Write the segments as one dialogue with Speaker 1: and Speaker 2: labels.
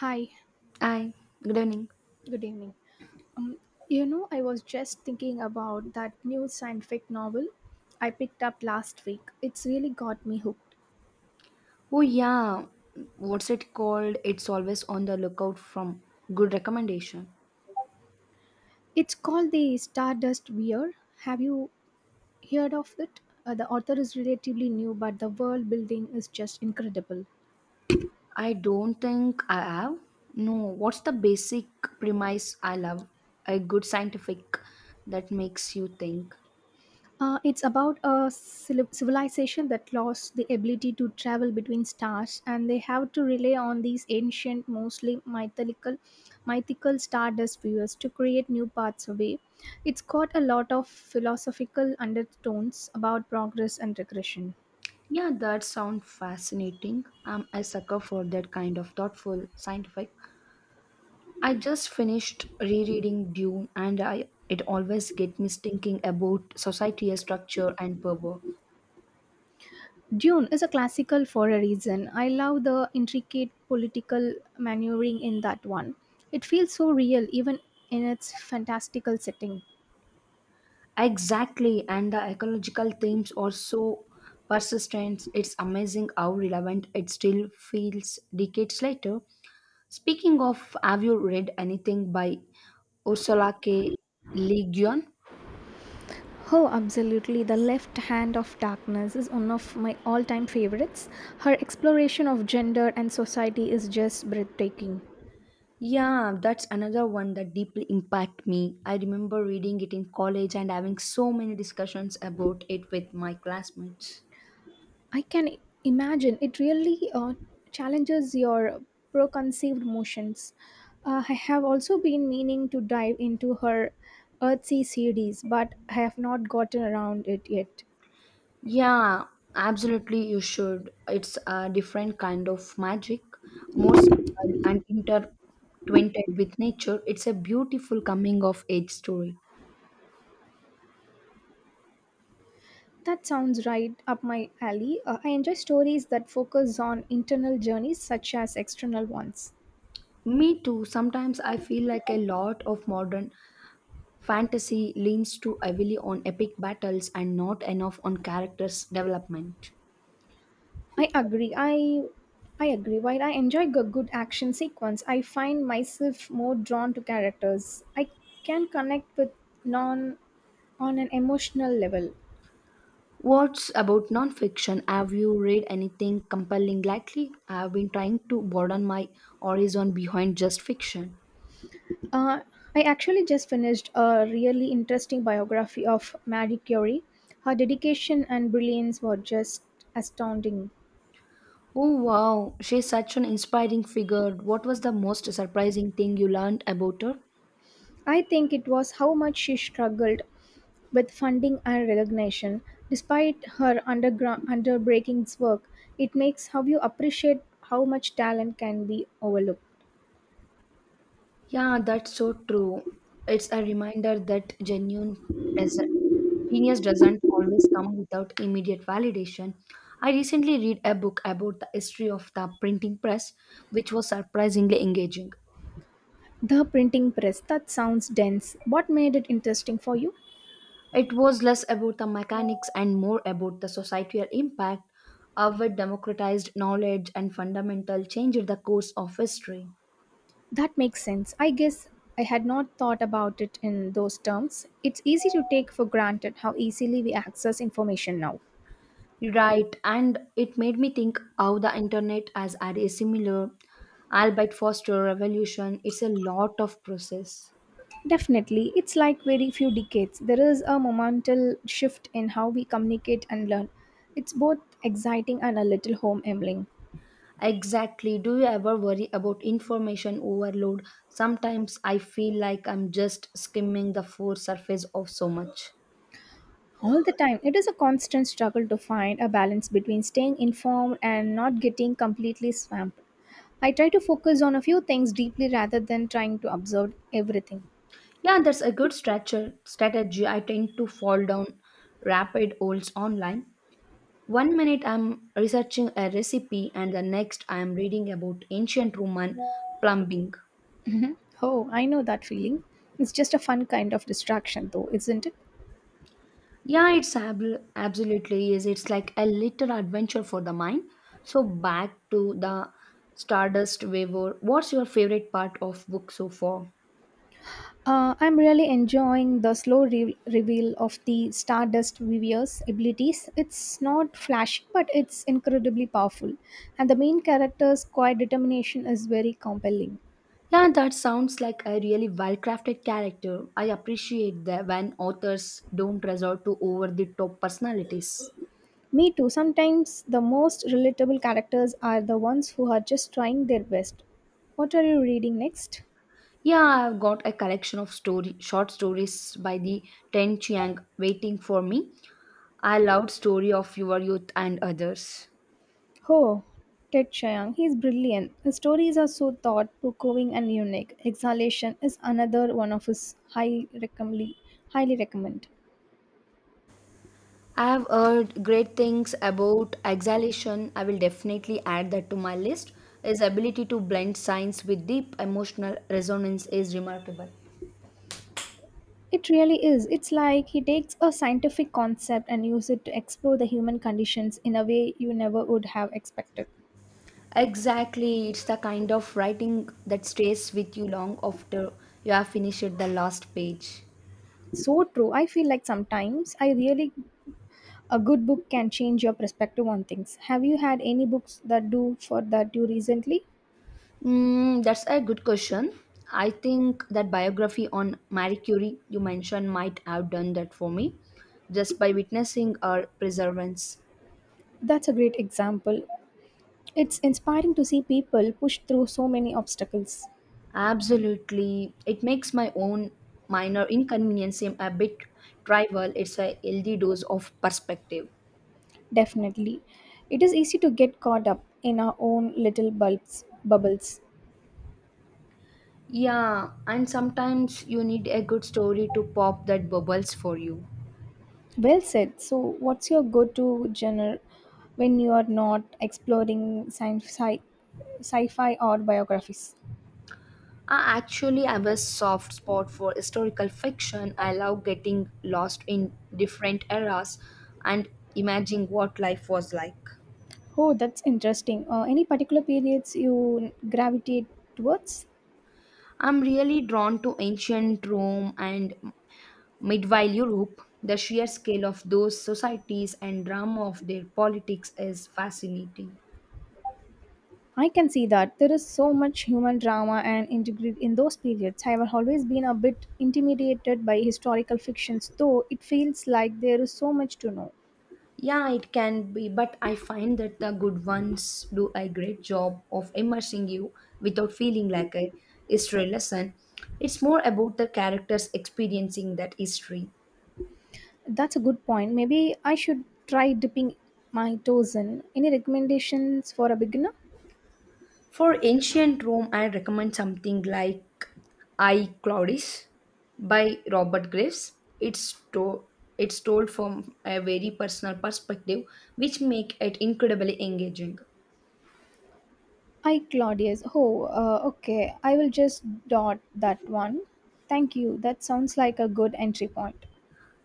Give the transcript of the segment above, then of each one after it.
Speaker 1: Hi,
Speaker 2: Hi, good evening.
Speaker 1: good evening. Um, you know, I was just thinking about that new scientific novel I picked up last week. It's really got me hooked.
Speaker 2: Oh yeah, what's it called? It's always on the lookout from good recommendation.
Speaker 1: It's called The Stardust Weir. Have you heard of it? The author is relatively new, but the world building is just incredible.
Speaker 2: I don't think I have. No, what's the basic premise I love? A good scientific that makes you think.
Speaker 1: It's about a civilization that lost the ability to travel between stars, and they have to rely on these ancient, mostly mythical stardust viewers to create new paths away. It's got a lot of philosophical undertones about progress and regression.
Speaker 2: Yeah, that sounds fascinating. I'm a sucker for that kind of thoughtful scientific. I just finished rereading Dune, and i it always get me thinking about societal structure and power.
Speaker 1: Dune is a classical for a reason. I love the intricate political maneuvering in that one. It feels so real, even in its fantastical setting.
Speaker 2: Exactly, and the ecological themes are so persistent. It's amazing how relevant it still feels decades later. Speaking of, have you read anything by Ursula K. Le Guin?
Speaker 1: Oh, absolutely. The Left Hand of Darkness is one of my all time favorites. Her exploration of gender and society is just breathtaking.
Speaker 2: Yeah, that's another one that deeply impacted me. I remember reading it in college and having so many discussions about it with my classmates.
Speaker 1: I can imagine it really challenges your preconceived motions. I have also been meaning to dive into her Earthsea series, but I have not gotten around it yet.
Speaker 2: Yeah, absolutely. You should. It's a different kind of magic, more subtle and intertwined with nature. It's a beautiful coming of age story.
Speaker 1: That sounds right up my alley. I enjoy stories that focus on internal journeys such as external ones.
Speaker 2: Me too. Sometimes I feel like a lot of modern fantasy leans too heavily on epic battles and not enough on characters' development.
Speaker 1: I agree. I I agree. While I enjoy a good action sequence, I find myself more drawn to characters. I can connect with non on an emotional level.
Speaker 2: What's about nonfiction? Have you read anything compelling lately? I've been trying to broaden my horizon behind just fiction.
Speaker 1: Uh, I actually just finished a really interesting biography of Marie Curie. Her dedication and brilliance were just astounding.
Speaker 2: Oh wow, she's such an inspiring figure. What was the most surprising thing you learned about her?
Speaker 1: I think it was how much she struggled with funding and recognition. Despite her underground underbreakings work, it makes how you appreciate how much talent can be overlooked.
Speaker 2: Yeah, that's so true. It's a reminder that genuine does genius doesn't always come without immediate validation. I recently read a book about the history of the printing press, which was surprisingly engaging.
Speaker 1: The printing press, that sounds dense. What made it interesting for you?
Speaker 2: It was less about the mechanics and more about the societal impact of it democratized knowledge and fundamental change in the course of history.
Speaker 1: That makes sense. I guess I had not thought about it in those terms. It's easy to take for granted how easily we access information now.
Speaker 2: Right, and it made me think how the internet has had a similar, albeit faster, revolution. It's a lot of process.
Speaker 1: Definitely, it's like very few decades. There is a monumental shift in how we communicate and learn. It's both exciting and a little home humbling.
Speaker 2: Exactly. Do you ever worry about information overload? Sometimes I feel like I'm just skimming the full surface of so much.
Speaker 1: All the time, it is a constant struggle to find a balance between staying informed and not getting completely swamped. I try to focus on a few things deeply rather than trying to absorb everything.
Speaker 2: Yeah, that's a good strategy. I tend to fall down rapid holes online. One minute I'm researching a recipe, and the next I'm reading about ancient Roman plumbing.
Speaker 1: Mhm. Oh, I know that feeling. It's just a fun kind of distraction, though, isn't it?
Speaker 2: Yeah, absolutely is. It's like a little adventure for the mind. So back to the Stardust Waver. What's your favorite part of book so far?
Speaker 1: I'm really enjoying the slow reveal of the Stardust Vivier's abilities. It's not flashy, but it's incredibly powerful. And the main character's quiet determination is very compelling.
Speaker 2: Yeah, that sounds like a really well-crafted character. I appreciate that when authors don't resort to over-the-top personalities.
Speaker 1: Me too. Sometimes the most relatable characters are the ones who are just trying their best. What are you reading next?
Speaker 2: Yeah, I've got a collection of story short stories by the Ten Chiang waiting for me. I loved Story of Your Youth and others.
Speaker 1: Oh, Ted Chiang. He's brilliant. His stories are so thought provoking and unique. Exhalation is another one of his highly recommend. Highly recommend.
Speaker 2: I have heard great things about exhalation. I will definitely add that to my list. His ability to blend science with deep emotional resonance is remarkable.
Speaker 1: It really is. It's like he takes a scientific concept and use it to explore the human conditions in a way you never would have expected.
Speaker 2: Exactly, it's the kind of writing that stays with you long after you have finished the last page.
Speaker 1: So true. I feel like sometimes I really a good book can change your perspective on things. Have you had any books that do for that you recently?
Speaker 2: That's a good question. I think that biography on Marie Curie you mentioned might have done that for me just by witnessing her perseverance.
Speaker 1: That's a great example. It's inspiring to see people push through so many obstacles.
Speaker 2: Absolutely. It makes my own minor inconvenience seem a bit trivial. It's a healthy dose of perspective.
Speaker 1: Definitely. It is easy to get caught up in our own little bulbs bubbles.
Speaker 2: Yeah, and sometimes you need a good story to pop that bubbles for you.
Speaker 1: Well said. So, what's your go to genre when you are not exploring sci fi or biographies?
Speaker 2: I actually have a soft spot for historical fiction. I love getting lost in different eras and imagining what life was like.
Speaker 1: Oh, that's interesting. Any particular periods you gravitate towards?
Speaker 2: I'm really drawn to ancient Rome and Meanwhile, Europe, the sheer scale of those societies and drama of their politics is fascinating.
Speaker 1: I can see that. There is so much human drama and intrigue in those periods. I have always been a bit intimidated by historical fictions, though it feels like there is so much to know.
Speaker 2: Yeah, it can be, but I find that the good ones do a great job of immersing you without feeling like a history lesson. It's more about the characters experiencing that history.
Speaker 1: That's a good point. Maybe I should try dipping my toes in. Any recommendations for a beginner?
Speaker 2: For ancient Rome, I recommend something like I Claudius by Robert Graves. It's to- it's told from a very personal perspective, which make it incredibly engaging.
Speaker 1: Hi, Claudius. Oh, okay. I will just dot that one. Thank you. That sounds like a good entry point.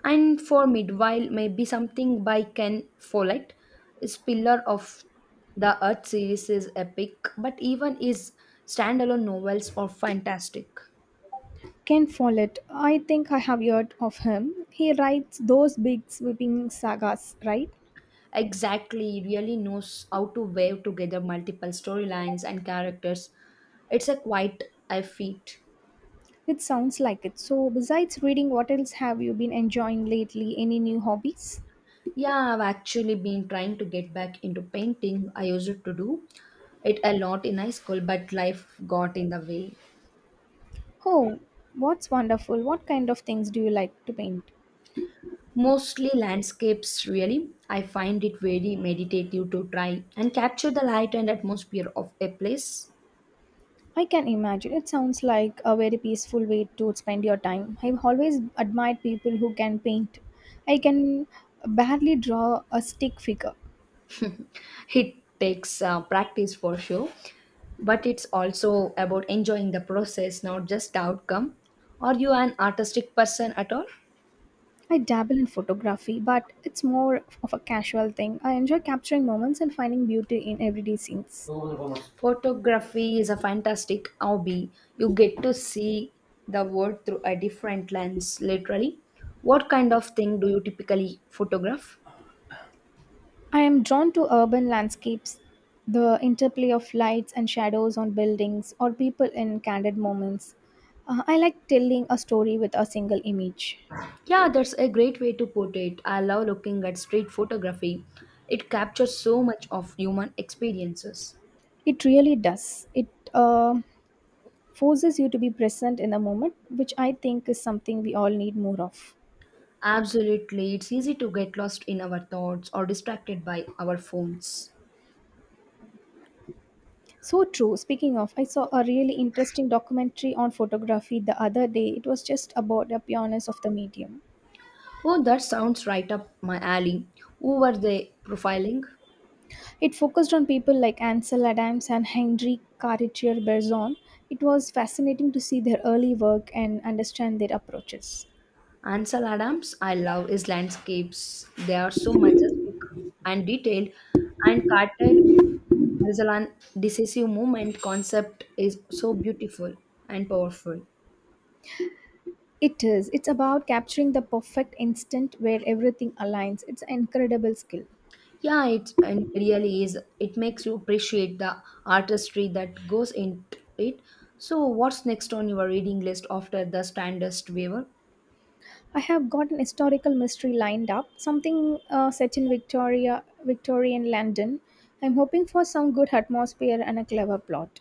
Speaker 2: And for midwife, maybe something by Ken Follett. His Pillar of the Earth series is epic, but even his standalone novels are fantastic.
Speaker 1: Ken Follett. I think I have heard of him. He writes those big sweeping sagas, right?
Speaker 2: Exactly, really knows how to weave together multiple storylines and characters. It's a quite a feat.
Speaker 1: It sounds like it. So, besides reading, what else have you been enjoying lately? Any new hobbies?
Speaker 2: Yeah, I've actually been trying to get back into painting. I used to do it a lot in high school, but life got in the way.
Speaker 1: Oh, what's wonderful. What kind of things do you like to paint?
Speaker 2: Mostly landscapes, really. I find it very meditative to try and capture the light and atmosphere of a place.
Speaker 1: I can imagine. It sounds like a very peaceful way to spend your time. I've always admired people who can paint. I can barely draw a stick figure.
Speaker 2: It takes practice for sure, but it's also about enjoying the process, not just the outcome. Are you an artistic person at all?
Speaker 1: I dabble in photography, but it's more of a casual thing. I enjoy capturing moments and finding beauty in everyday scenes.
Speaker 2: Photography is a fantastic hobby. You get to see the world through a different lens, literally. What kind of thing do you typically photograph?
Speaker 1: I am drawn to urban landscapes, the interplay of lights and shadows on buildings, or people in candid moments. I like telling a story with a single image.
Speaker 2: Yeah, that's a great way to put it. I love looking at street photography. It captures so much of human experiences.
Speaker 1: It really does. It uh, forces you to be present in the moment, which I think is something we all need more of.
Speaker 2: Absolutely, it's easy to get lost in our thoughts or distracted by our phones.
Speaker 1: So true. Speaking of, I saw a really interesting documentary on photography the other day. It was just about the pureness of the medium.
Speaker 2: Oh, that sounds right up my alley. Who were they profiling?
Speaker 1: It focused on people like Ansel Adams and Henri Cartier Bresson. It was fascinating to see their early work and understand their approaches.
Speaker 2: Ansel Adams, I love his landscapes. They are so majestic and detailed. And Carter Breslan decisive movement concept is so beautiful and powerful.
Speaker 1: It is. It's about capturing the perfect instant where everything aligns. It's an incredible skill.
Speaker 2: Yeah, it and really is. It makes you appreciate the artistry that goes into it. So, what's next on your reading list after the Standest Weaver?
Speaker 1: I have got an historical mystery lined up, something set in Victorian London. I'm hoping for some good atmosphere and a clever plot.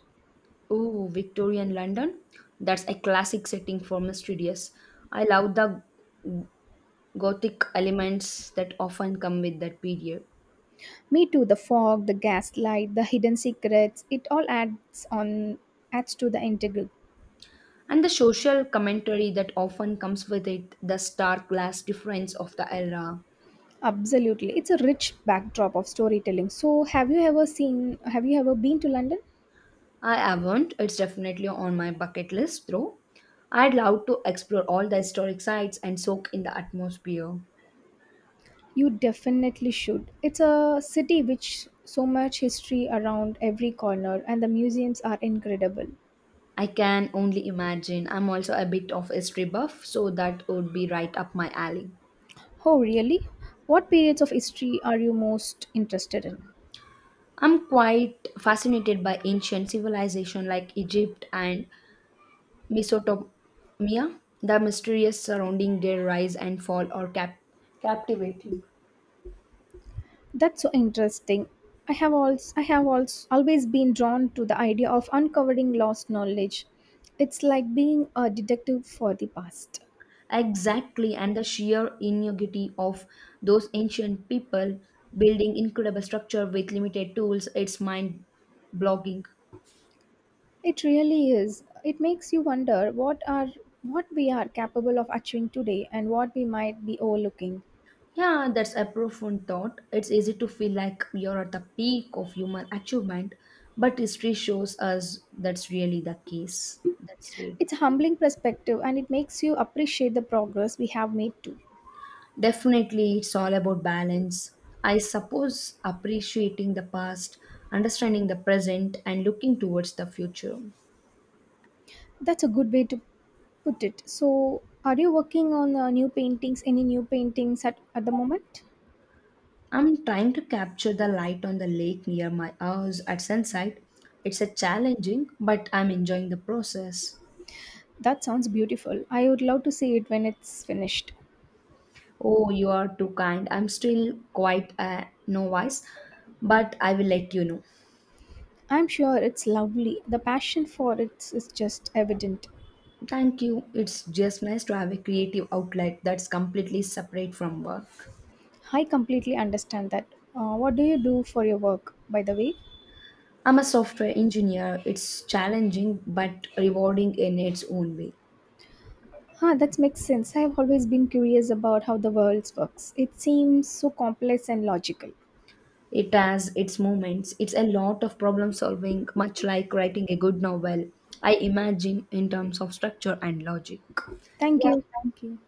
Speaker 2: Oh, Victorian London. That's a classic setting for mysterious. I love the gothic elements that often come with that period.
Speaker 1: Me too. The fog, the gaslight, the hidden secrets. It all adds to the integral.
Speaker 2: And the social commentary that often comes with it, the stark glass difference of the era.
Speaker 1: Absolutely, it's a rich backdrop of storytelling. So, have you ever seen? Have you ever been to London?
Speaker 2: I haven't. It's definitely on my bucket list, though. I'd love to explore all the historic sites and soak in the atmosphere.
Speaker 1: You definitely should. It's a city which so much history around every corner, and the museums are incredible.
Speaker 2: I can only imagine. I'm also a bit of history buff, so that would be right up my alley.
Speaker 1: Oh, really? What periods of history are you most interested in?
Speaker 2: I'm quite fascinated by ancient civilization like Egypt and Mesopotamia. The mysteries surrounding their rise and fall are captivating.
Speaker 1: That's so interesting. I have also always been drawn to the idea of uncovering lost knowledge. It's like being a detective for the past.
Speaker 2: Exactly, and the sheer ingenuity of those ancient people building incredible structure with limited tools, it's mind blogging.
Speaker 1: It really is. It makes you wonder what we are capable of achieving today and what we might be overlooking.
Speaker 2: Yeah, that's a profound thought. It's easy to feel like you're at the peak of human achievement, but history shows us that's really the case. That's really.
Speaker 1: It's a humbling perspective and it makes you appreciate the progress we have made too.
Speaker 2: Definitely, it's all about balance. I suppose appreciating the past, understanding the present, and looking towards the future.
Speaker 1: That's a good way to put it. So, are you working on new paintings? Any new paintings at the moment?
Speaker 2: I'm trying to capture the light on the lake near my house at sunset. It's a challenging, but I'm enjoying the process.
Speaker 1: That sounds beautiful. I would love to see it when it's finished.
Speaker 2: Oh, you are too kind. I'm still quite a novice, but I will let you know.
Speaker 1: I'm sure it's lovely. The passion for it is just evident.
Speaker 2: Thank you. It's just nice to have a creative outlet that's completely separate from work.
Speaker 1: I completely understand that. What do you do for your work, by the way?
Speaker 2: I'm a software engineer. It's challenging but rewarding in its own way.
Speaker 1: Huh, that makes sense. I've always been curious about how the world works. It seems so complex and logical.
Speaker 2: It has its moments. It's a lot of problem solving, much like writing a good novel. I imagine in terms of structure and logic.
Speaker 1: Thank
Speaker 2: Yeah,
Speaker 1: you.
Speaker 2: thank you.